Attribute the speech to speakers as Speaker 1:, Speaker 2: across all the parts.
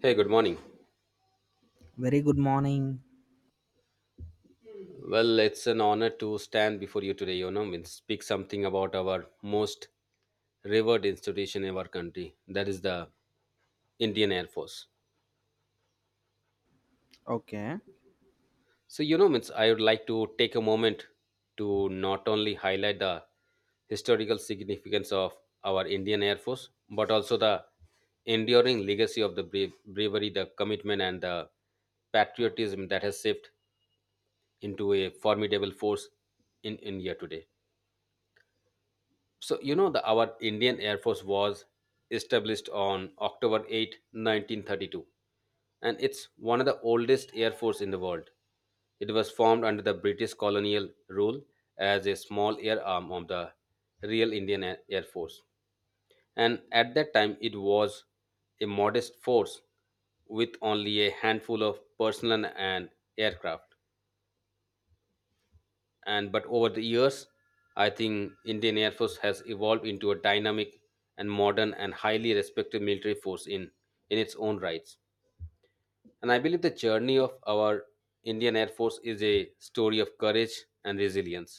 Speaker 1: Hey, good morning.
Speaker 2: Very good morning.
Speaker 1: Well, it's an honor to stand before you today, you know, and speak something about our most revered institution in our country, that is the Indian Air Force.
Speaker 2: Okay.
Speaker 1: So, you know, means I would like to take a moment to not only highlight the historical significance of our Indian Air Force, but also the enduring legacy of the brave, bravery, the commitment, and the patriotism that has shaped into a formidable force in India today. So you know the our Indian Air Force was established on October 8, 1932, and it's one of the oldest air force in the world. It was formed under the British colonial rule as a small air arm of the real Indian Air Force. And at that time it was a modest force with only a handful of personnel and aircraft, and but over the years I think Indian Air Force has evolved into a dynamic and modern and highly respected military force in its own rights. And I believe the journey of our Indian Air Force is a story of courage and resilience.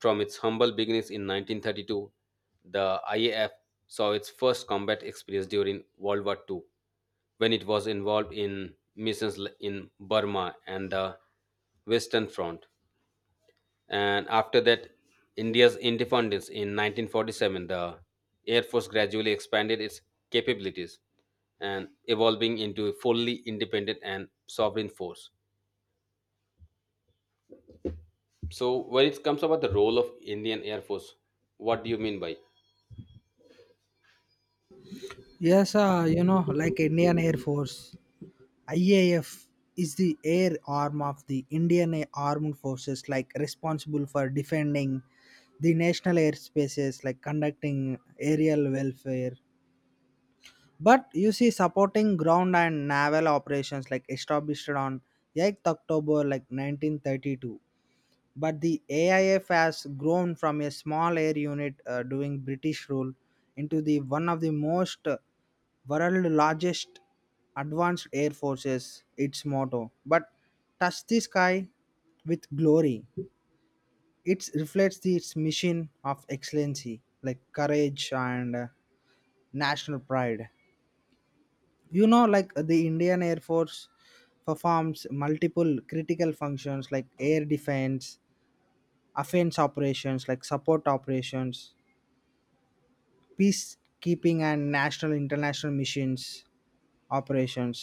Speaker 1: From its humble beginnings in 1932, the IAF saw its first combat experience during World War II, when it was involved in missions in Burma and the western front. And after that, India's independence in 1947, the Air Force gradually expanded its capabilities and evolving into a fully independent and sovereign force. So, when it comes about the role of Indian Air Force, what do you mean by?
Speaker 2: Yes, you know, like Indian Air Force, IAF is the air arm of the Indian Armed Forces, like responsible for defending the national airspaces, like conducting aerial welfare. But you see, supporting ground and naval operations, like established on 8th October, like 1932. But the AIF has grown from a small air unit during British rule into the one of the most world largest advanced air forces. Its motto, but touch the sky with glory. It reflects the, its mission of excellency, like courage and national pride. You know, the Indian Air Force performs multiple critical functions like air defense, offense operations like support operations, peacekeeping and national international missions operations.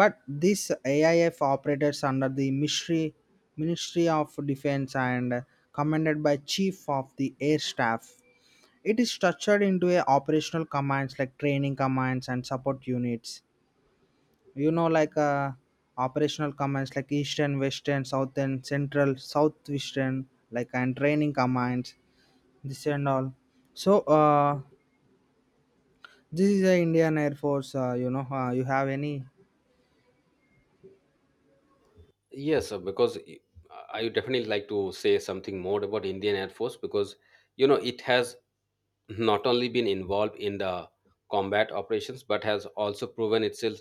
Speaker 2: But these AIF operators under the ministry of defense and commanded by chief of the air staff. It is structured into a operational commands like training commands and support units. you know like uh, operational commands like eastern, western, southern, central, southwestern, like, and training commands, this and all. So uh, this is the Indian Air Force. You have any?
Speaker 1: Yes, because I would definitely like to say something more about Indian Air Force, because you know it has not only been involved in the combat operations but has also proven itself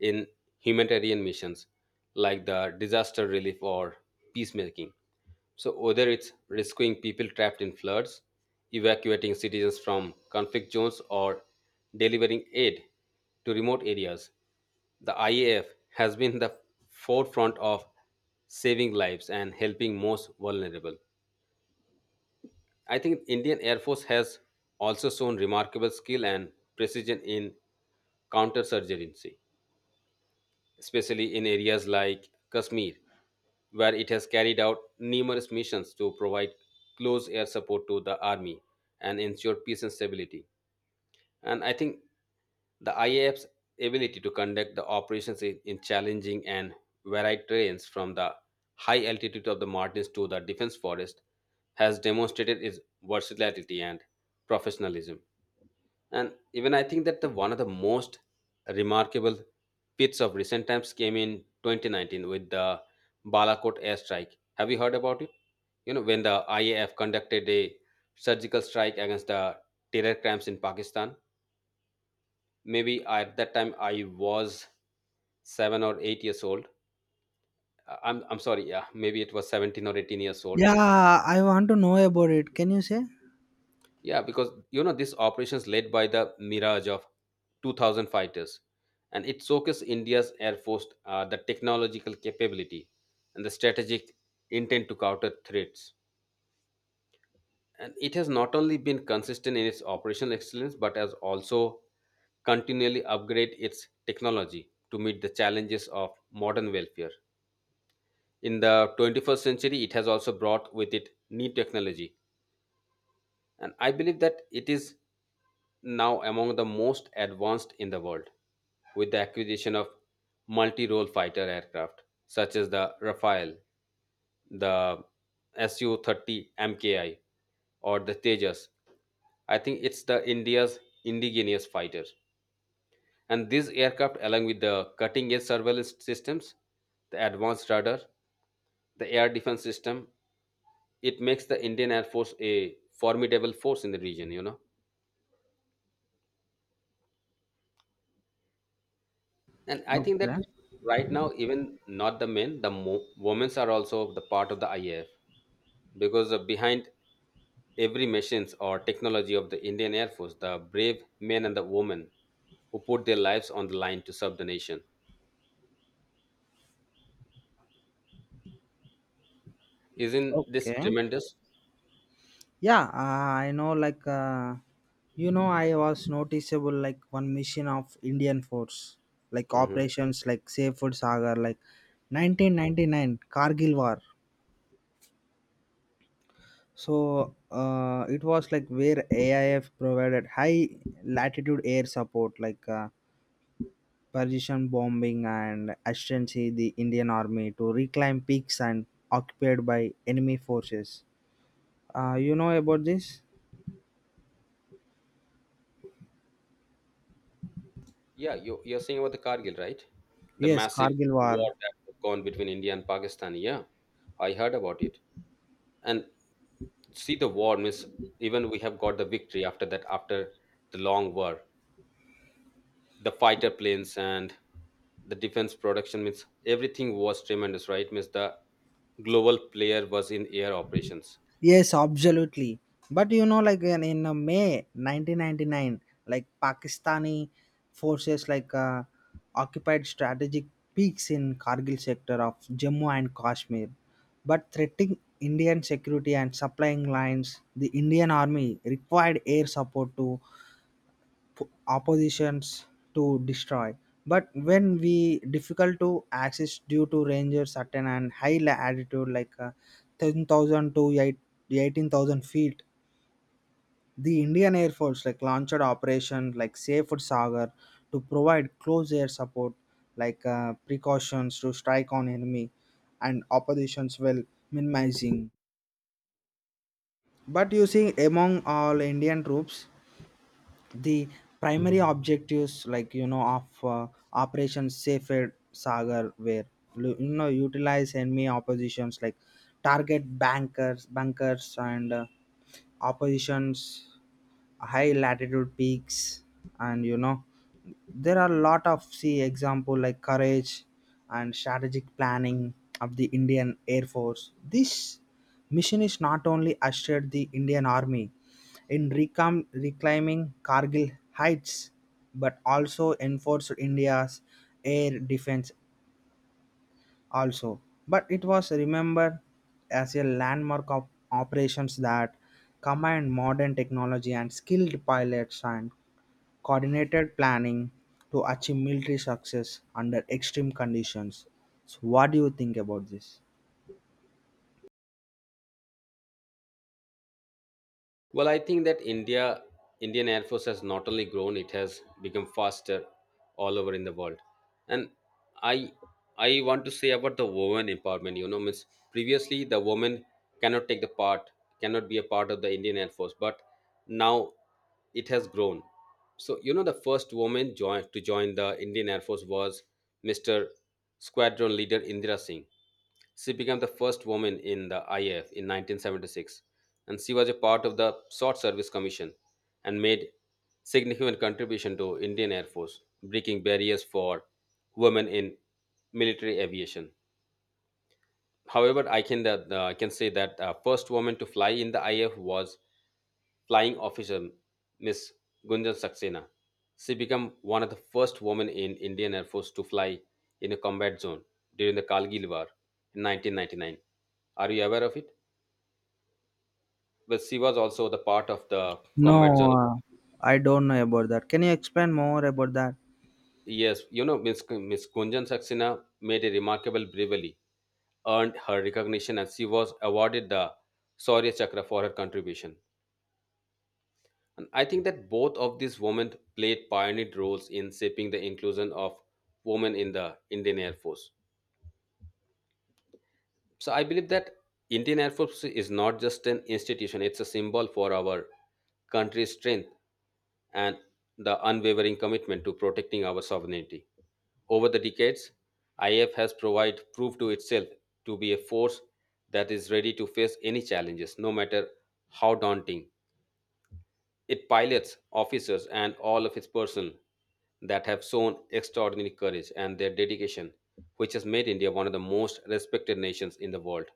Speaker 1: in humanitarian missions like the disaster relief or peacemaking. So whether it's rescuing people trapped in floods, evacuating citizens from conflict zones, or delivering aid to remote areas, the IAF has been the forefront of saving lives and helping most vulnerable. I think Indian Air Force has also shown remarkable skill and precision in counter-surgency, especially in areas like Kashmir, where it has carried out numerous missions to provide close air support to the army and ensure peace and stability. And I think the IAF's ability to conduct the operations in, challenging and varied terrains from the high altitude of the mountains to the defense forest has demonstrated its versatility and professionalism. And even I think that one of the most remarkable feats of recent times came in 2019 with the Balakot airstrike. Have you heard about it? You know, when the IAF conducted a surgical strike against the terror camps in Pakistan, maybe at that time I was 7 or 8 years old. I'm sorry, yeah, maybe it was 17 or 18 years old.
Speaker 2: Yeah, I want to know about it. Can you say?
Speaker 1: Yeah, because you know this operation is led by the Mirage of 2000 fighters, and it showcased India's air force the technological capability and the strategic intent to counter threats. And it has not only been consistent in its operational excellence, but has also continually upgrade its technology to meet the challenges of modern welfare. In the 21st century, it has also brought with it new technology, and I believe that it is now among the most advanced in the world with the acquisition of multi role fighter aircraft such as the Rafale, the Su 30 MKI, or the Tejas. I think it's the India's indigenous fighter. And these aircraft, along with the cutting edge surveillance systems, the advanced radar, the air defense system, it makes the Indian Air Force a formidable force in the region, you know. And I think
Speaker 2: Okay.
Speaker 1: that right now, even not the men, the women are also the part of the IAF, because behind every machines or technology of the Indian Air Force, the brave men and the women who put their lives on the line to serve the nation. Isn't this
Speaker 2: Okay.
Speaker 1: tremendous?
Speaker 2: Yeah, I know. I was noticeable like one mission of Indian force, like
Speaker 1: Hmm.
Speaker 2: operations like Safe Sagar, like 1999 Kargil War. It was like where AIF provided high latitude air support, like. Persian bombing and ascendancy the Indian army to reclaim peaks and occupied by enemy forces. You know about this?
Speaker 1: Yeah, you're saying about the Kargil, right? The
Speaker 2: Yes,
Speaker 1: massive
Speaker 2: Kargil War.
Speaker 1: war that has gone between India and Pakistan. Yeah, I heard about it. And see the war means even we have got the victory after that, after the long war, the fighter planes and the defense production means everything was tremendous, right, means the global player was in air operations.
Speaker 2: Yes, absolutely. But you know, like in May 1999, like Pakistani forces like occupied strategic peaks in Kargil sector of Jammu and Kashmir, but threatening Indian security and supplying lines. The Indian army required air support to oppositions to destroy, but when we difficult to access due to ranger certain and high altitude 10,000 to eighteen thousand feet. The Indian Air Force like launched operation like Safe Sagar to provide close air support, precautions to strike on enemy and oppositions while minimizing, but you see, among all Indian troops. The primary objectives, like you know of operation Safer Sagar were, you know, utilize enemy oppositions like target bankers and oppositions high latitude peaks. And you know, there are a lot of see example like courage and strategic planning of the Indian Air Force. This mission is not only assured the Indian army in reclaiming Kargil heights, but also enforced India's air defense also. But it was remembered as a landmark of operations that combined modern technology and skilled pilots and coordinated planning to achieve military success under extreme conditions. So what do you think about this?
Speaker 1: Well, I think that Indian Air Force has not only grown; it has become faster all over in the world. And I, I want to say about the women empowerment. You know, means previously the women cannot take the part, cannot be a part of the Indian Air Force, but now it has grown. So you know, the first woman join to join the Indian Air Force was Mr. Squadron Leader Indira Singh. She became the first woman in the IAF in 1976, and she was a part of the Short Service Commission and made significant contribution to Indian Air Force, breaking barriers for women in military aviation. However, I can say that first woman to fly in the IAF was flying officer Miss Gunjan Saxena. She became one of the first women in Indian Air Force to fly in a combat zone during the Kargil War in 1999. Are you aware of it? Well, she was also the part of the
Speaker 2: No,
Speaker 1: combat zone.
Speaker 2: uh, I don't know about that. Can you explain more about that?
Speaker 1: Yes, you know, Miss Gunjan Saxena made a remarkable bravery, earned her recognition, and she was awarded the Shaurya Chakra for her contribution. And I think that both of these women played pioneer roles in shaping the inclusion of women in the Indian Air Force. So I believe that Indian Air Force is not just an institution, it's a symbol for our country's strength and the unwavering commitment to protecting our sovereignty. Over the decades, IF has provided proof to itself to be a force that is ready to face any challenges, no matter how daunting. It pilots, officers, and all of its personnel that have shown extraordinary courage and their dedication, which has made India one of the most respected nations in the world.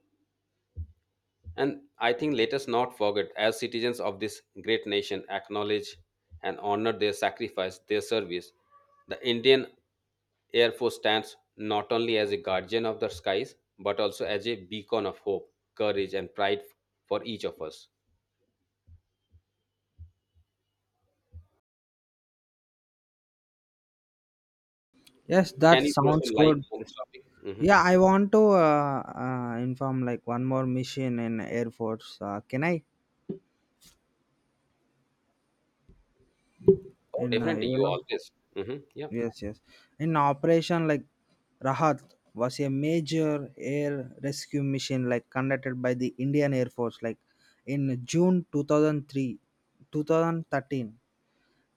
Speaker 1: And I think let us not forget, as citizens of this great nation, acknowledge and honor their sacrifice, their service. The Indian Air Force stands not only as a guardian of the skies, but also as a beacon of hope, courage, and pride for each of us.
Speaker 2: Yes, that
Speaker 1: Can you throw
Speaker 2: sounds
Speaker 1: some light
Speaker 2: good.
Speaker 1: on this topic? Mhm.
Speaker 2: Yeah, I want to inform like one more mission in air force, can I?
Speaker 1: Oh,
Speaker 2: In
Speaker 1: definitely.
Speaker 2: you
Speaker 1: You
Speaker 2: know
Speaker 1: always. Hmm. Yeah.
Speaker 2: Yes, yes. In operation like Rahat was a major air rescue mission like conducted by the Indian Air Force like in June 2003 2013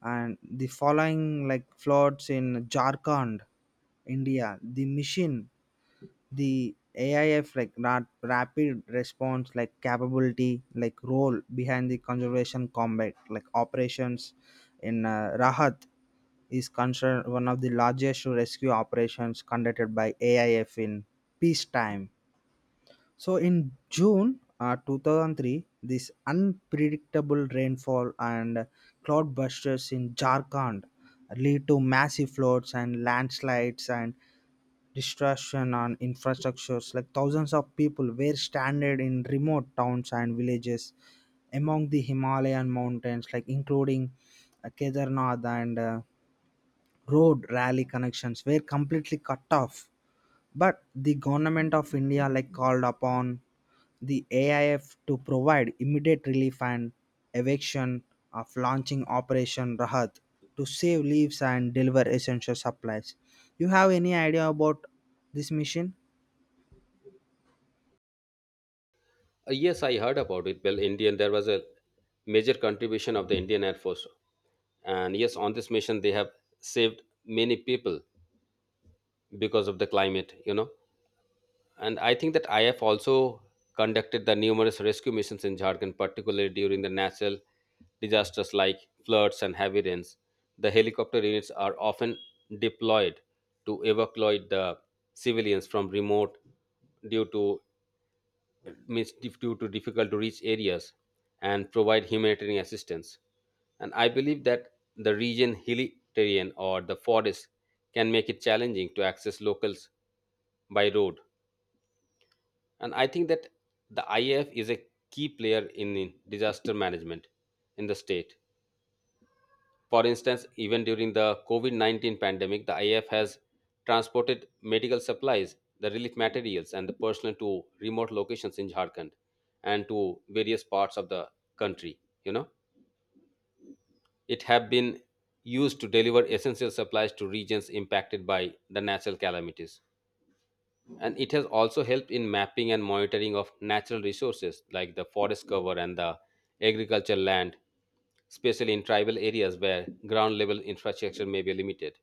Speaker 2: and the following like floods in Jharkhand, India, the machine, the AIF like rapid response like capability like role behind the conservation combat like operations in Rahat is considered one of the largest rescue operations conducted by AIF in peacetime. So in June 2003, this unpredictable rainfall and cloudbusters in Jharkhand lead to massive floods and landslides and destruction on infrastructures. Like thousands of people were stranded in remote towns and villages among the Himalayan mountains, like including Kedarnath and road rally connections were completely cut off. But the government of India like called upon the AIF to provide immediate relief and eviction of launching Operation Rahat to save lives and deliver essential supplies. You have any idea about this mission?
Speaker 1: Yes, I heard about it. Well, Indian, there was a major contribution of the Indian Air Force. And yes, on this mission, they have saved many people because of the climate, you know. And I think that IF also conducted the numerous rescue missions in Jharkhand, particularly during the natural disasters like floods and heavy rains. The helicopter units are often deployed to evacuate the civilians from remote due to due to difficult to reach areas, and provide humanitarian assistance. And I believe that the region hilly terrain or the forest can make it challenging to access locals by road. And I think that the IAF is a key player in disaster management in the state. For instance, even during the COVID 19 pandemic, the IF has transported medical supplies, the relief materials, and the personnel to remote locations in Jharkhand and to various parts of the country. You know, it have been used to deliver essential supplies to regions impacted by the natural calamities. And it has also helped in mapping and monitoring of natural resources like the forest cover and the agricultural land, especially in tribal areas where ground level infrastructure may be limited.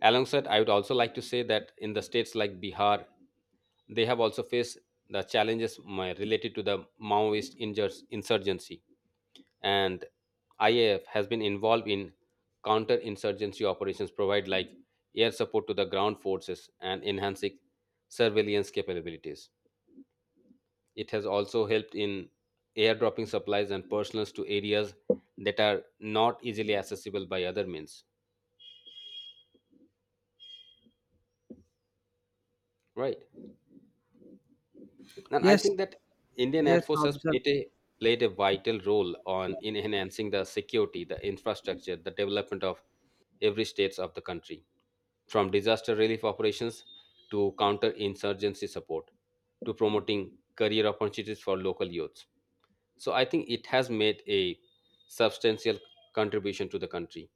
Speaker 1: Alongside, I would also like to say that in the states like Bihar, they have also faced the challenges related to the Maoist insurgency, and IAF has been involved in counter-insurgency operations, provide like air support to the ground forces and enhancing surveillance capabilities. It has also helped in airdropping supplies and personals to areas that are not easily accessible by other means. Right. And I
Speaker 2: Yes,
Speaker 1: think that Indian Air
Speaker 2: yes,
Speaker 1: Force has
Speaker 2: absolutely.
Speaker 1: played a vital role on in enhancing the security, the infrastructure, the development of every states of the country, from disaster relief operations to counter insurgency support to promoting career opportunities for local youths. So I think it has made a substantial contribution to the country.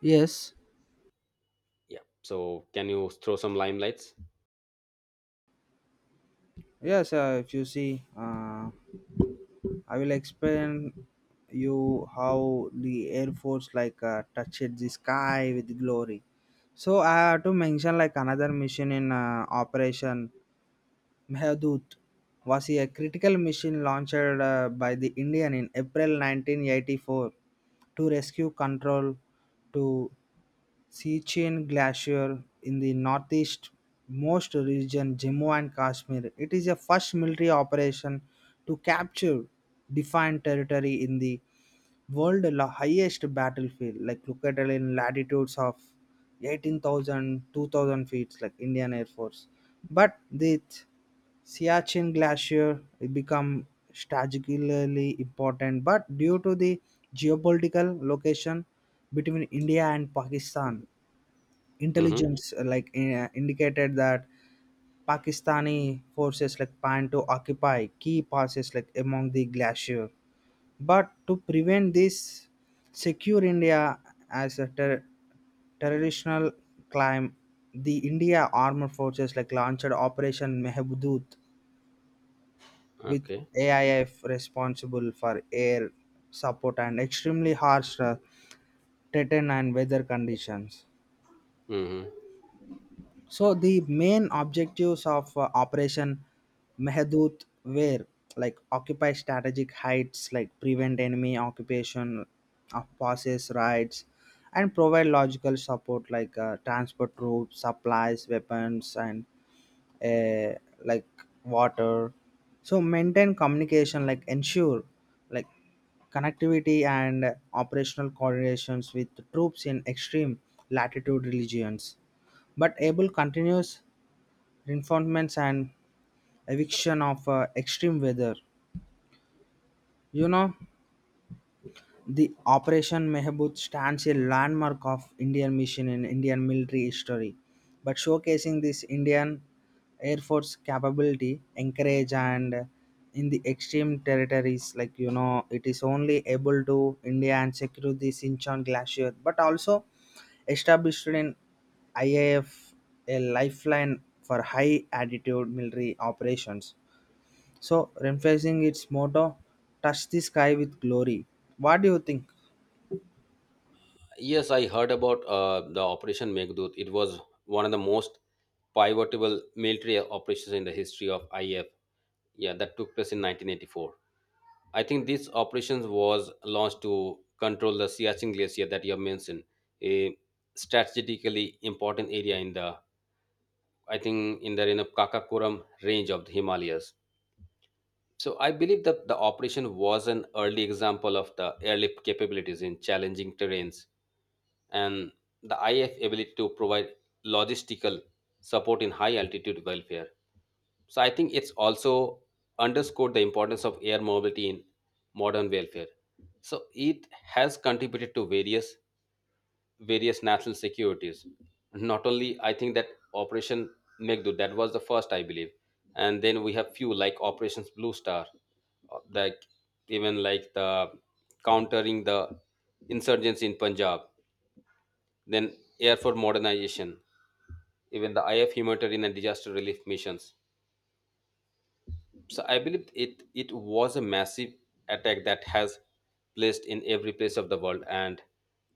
Speaker 2: Yes,
Speaker 1: Yeah. So can you throw some limelights?
Speaker 2: yes. If you see, I will explain you how the Air Force like touched the sky with glory. So I have to mention like another mission in Operation Mehdut was a critical mission launched by the Indian in April 1984 to rescue control to Sichuan Glacier in the northeast most region Jammu and Kashmir. It is a first military operation to capture defined territory in the world highest battlefield, like located in latitudes of 18,000, 2000 feet, like Indian Air Force. But the Siachen Glacier become strategically important, but due to the geopolitical location between India and Pakistan,
Speaker 1: Mm-hmm.
Speaker 2: intelligence indicated that Pakistani forces like plan to occupy key passes like among the glacier. But to prevent this, secure India as a terrorist climb, the India armed forces like launched Operation Mehbudut with
Speaker 1: Okay.
Speaker 2: AIF responsible for air support and extremely harsh terrain and weather conditions.
Speaker 1: Mm-hmm.
Speaker 2: So the main objectives of Operation Mehadut were like occupy strategic heights, like prevent enemy occupation of passes, rights, and provide logical support like transport troops, supplies, weapons, and uh, like water. So maintain communication, like ensure like connectivity and operational coordinations with troops in extreme latitude regions. But able continuous reinforcements and eviction of extreme weather. You know, the Operation Mehbood stands a landmark of Indian mission in Indian military history, but showcasing this Indian Air Force capability, encourage and in the extreme territories, like you know, it is only able to India and secure the Sinchon Glacier, but also established in IAF a F a lifeline for high altitude military operations. So, reinforcing its motto, touch the sky with glory. What do you think?
Speaker 1: Yes, I heard about the Operation Meghdoot. It was one of the most pivotal military operations in the history of IF. Yeah, that took place in 1984. I think this operations was launched to control the Siachen Glacier that you have mentioned, a strategically important area in the, I think, in the you know, Kakakoram range of the Himalayas. So I believe that the operation was an early example of the airlift capabilities in challenging terrains and the IF ability to provide logistical support in high altitude welfare. So I think it's also underscored the importance of air mobility in modern welfare. So it has contributed to various national securities. Not only I think that Operation Megdud that was the first I believe, and then we have few like Operations Blue Star, like even like the countering the insurgents in Punjab, then air for modernization, even the IF humanitarian and disaster relief missions. So I believe it was a massive attack that has placed in every place of the world, and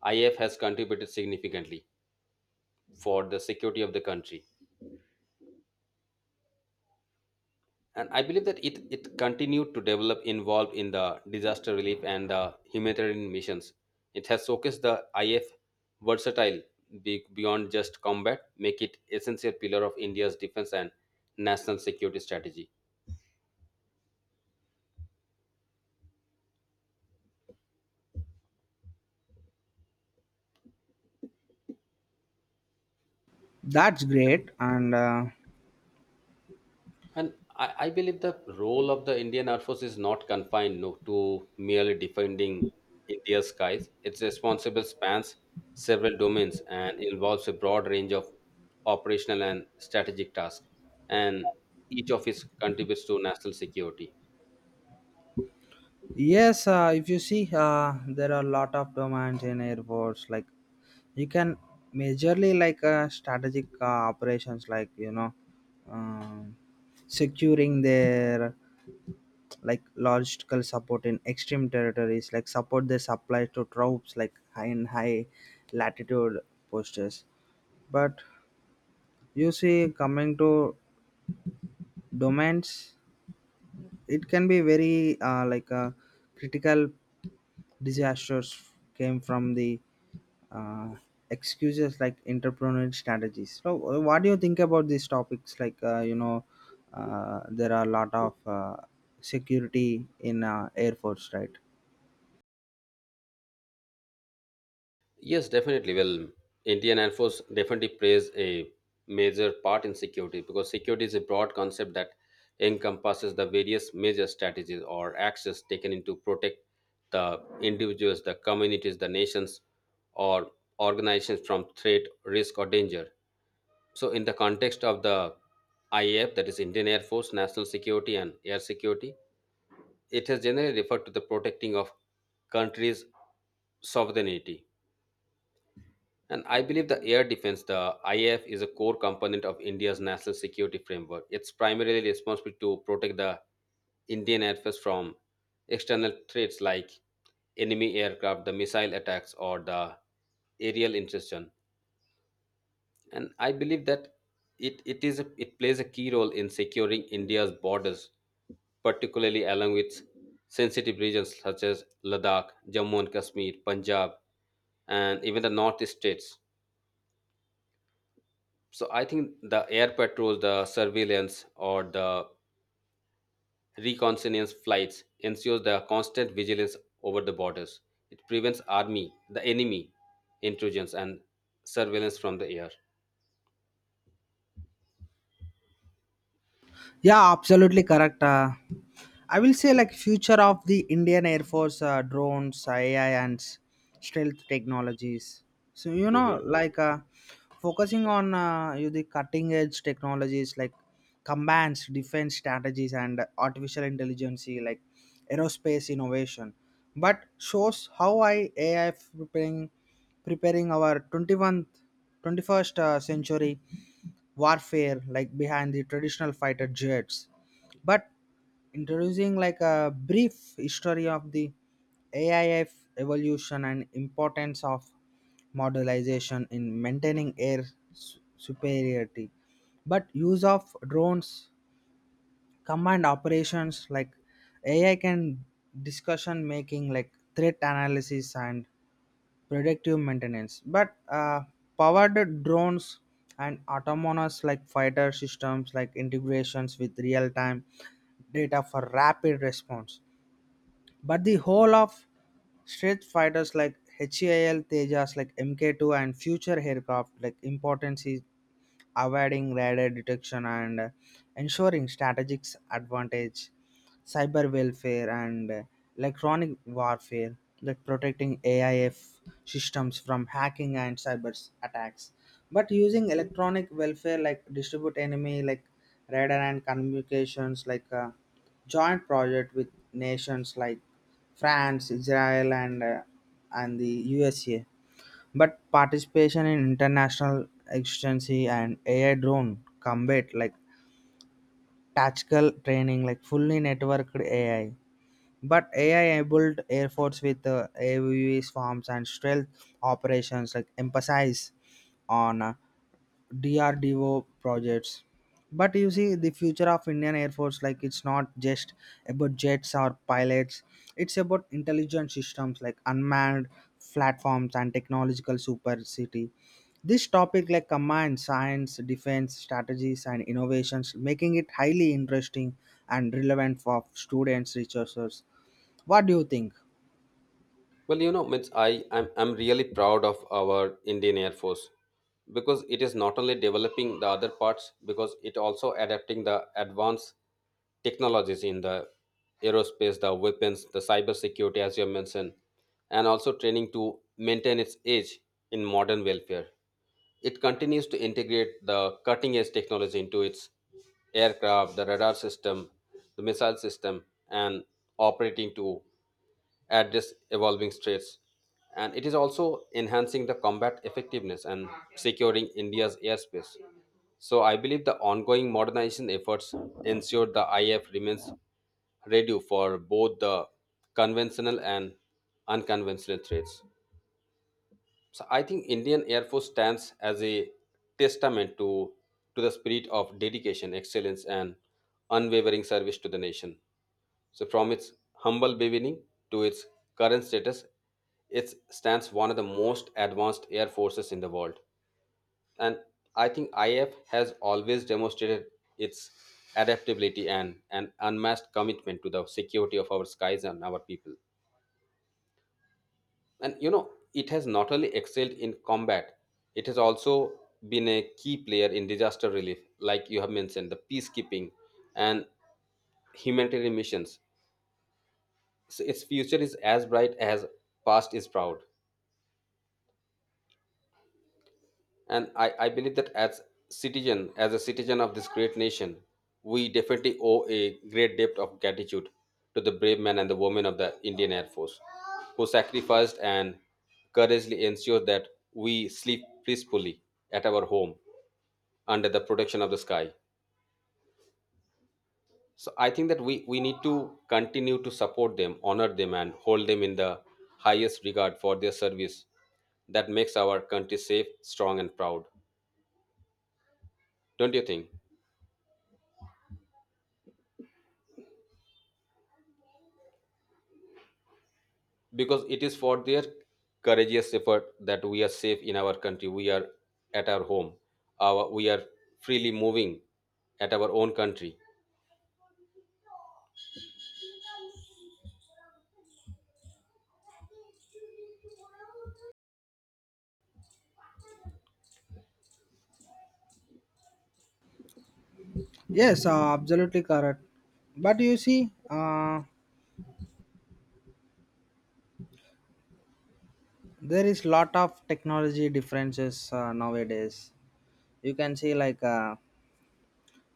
Speaker 1: IF has contributed significantly for the security of the country. And I believe that it continued to develop involved in the disaster relief and the humanitarian missions. It has showcased the IF versatile beyond just combat, make it essential pillar of India's defense and national security strategy.
Speaker 2: That's great. And
Speaker 1: And I believe the role of the Indian Air Force is not confined, no, to merely defending India's skies. Its responsibility spans several domains and involves a broad range of operational and strategic tasks, and each of its contributes to national security.
Speaker 2: yes, if you see, there are a lot of domains in airports. Like you can majorly like strategic operations, um securing their like logistical support in extreme territories, like support their supplies to troops, like high in high latitude postures. But you see, coming to domains, it can be very like a critical disasters came from the uh, excuses like entrepreneurial strategies. So what do you think about these topics, there are a lot of security in air force, right?
Speaker 1: Yes, definitely. Well, Indian Air Force definitely plays a major part in security because security is a broad concept that encompasses the various major strategies or actions taken into protect the individuals, the communities, the nations, or organizations from threat, risk, or danger. So, in the context of the IAF, that is Indian Air Force, national security and air security, it has generally referred to the protecting of countries' sovereignty. And I believe the air defense, the IAF, is a core component of India's national security framework. It's primarily responsible to protect the Indian Air Force from external threats like enemy aircraft, the missile attacks, or the aerial intrusion. And I believe that it is a, it plays a key role in securing India's borders, particularly along with sensitive regions such as Ladakh, Jammu and Kashmir, Punjab, and even the northeast states. So I think the air patrols, the surveillance, or the reconnaissance flights ensures the constant vigilance over the borders. It prevents army, the enemy, intrusions and surveillance from the air.
Speaker 2: Yeah, absolutely correct. I will say like future of the Indian Air Force, drones, AI, and stealth technologies. So you know,
Speaker 1: Mhm.
Speaker 2: focusing on you the cutting edge technologies like combats, defense strategies, and artificial intelligence, like aerospace innovation. But shows how I AI preparing our 21st century warfare like behind the traditional fighter jets, but introducing like a brief history of the AIF evolution and importance of modelization in maintaining air superiority. But use of drones, command operations like AI can discussion making like threat analysis and predictive maintenance. But powered drones and autonomous like fighter systems like integrations with real-time data for rapid response. But the whole of straight fighters like HAL Tejas like MK2 and future aircraft like importance is avoiding radar detection and ensuring strategic advantage, cyber welfare and electronic warfare like protecting AIF systems from hacking and cyber attacks. But using electronic welfare like distribute enemy like radar and communications like a joint project with nations like France, Israel and the USA. But participation in international exigency and AI drone combat like tactical training like fully networked AI, but AI-enabled air force with AUVs, forms, and stealth operations like emphasize on DRDO projects. But you see, the future of Indian Air Force, like it's not just about jets or pilots. It's about intelligent systems like unmanned platforms and technological super city. This topic like combines science, defense, strategies, and innovations, making it highly interesting and relevant for students, researchers. What do you think?
Speaker 1: Well, you know, means I'm really proud of our Indian Air Force because it is not only developing the other parts because it also adapting the advanced technologies in the aerospace, the weapons, the cyber security, as you have mentioned, and also training to maintain its edge in modern welfare. It continues to integrate the cutting edge technology into its aircraft, the radar system, the missile system, and operating to address evolving threats. And it is also enhancing the combat effectiveness and securing India's airspace. So I believe the ongoing modernization efforts ensure the IF remains ready for both the conventional and unconventional threats. So I think Indian Air Force stands as a testament to the spirit of dedication, excellence, and unwavering service to the nation. So from its humble beginning to its current status, it stands one of the most advanced air forces in the world. And I think IF has always demonstrated its adaptability and an unmatched commitment to the security of our skies and our people. And you know, it has not only excelled in combat, it has also been a key player in disaster relief, like you have mentioned, the peacekeeping and humanitarian missions. So its future is as bright as past is proud. And I believe that as citizen, as a citizen of this great nation, we definitely owe a great debt of gratitude to the brave men and the women of the Indian Air Force who sacrificed and courageously ensured that we sleep peacefully at our home under the protection of the sky. So I think that we need to continue to support them, honor them, and hold them in the highest regard for their service that makes our country safe, strong, and proud. Don't you think? Because it is for their courageous effort that we are safe in our country. We are at our home. Our, we are freely moving at our own country.
Speaker 2: Yes, absolutely correct. But you see, there is lot of technology differences nowadays. You can see like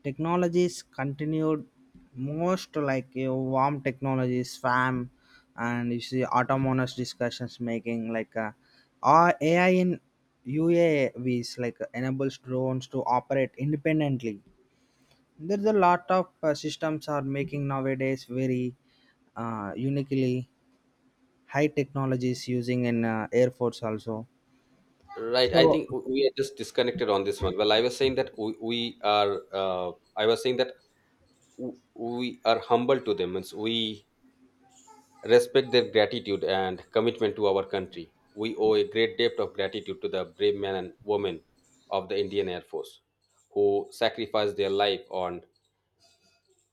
Speaker 2: technologies continued most like your warm technologies, spam, and you see autonomous discussions making like or AI in UAVs like enables drones to operate independently. There's a lot of systems are making nowadays very uniquely high technologies using in air force also.
Speaker 1: Right. I
Speaker 2: So
Speaker 1: think we are just disconnected on this one. Well, I was saying that we are, I was saying that we are humble to them means we respect their gratitude and commitment to our country. We owe a great debt of gratitude to the brave men and women of the Indian Air Force who sacrificed their life on,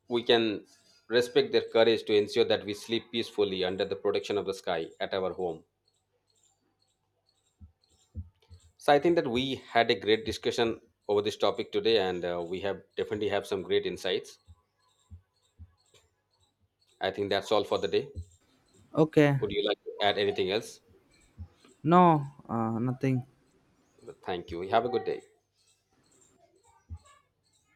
Speaker 1: we can respect their courage to ensure that we sleep peacefully under the protection of the sky at our home. So I think that we had a great discussion over this topic today, and we have definitely have some great insights. I think that's all for the day.
Speaker 2: okay,
Speaker 1: Would you like to add anything else?
Speaker 2: no, nothing.
Speaker 1: Thank you, have a good day.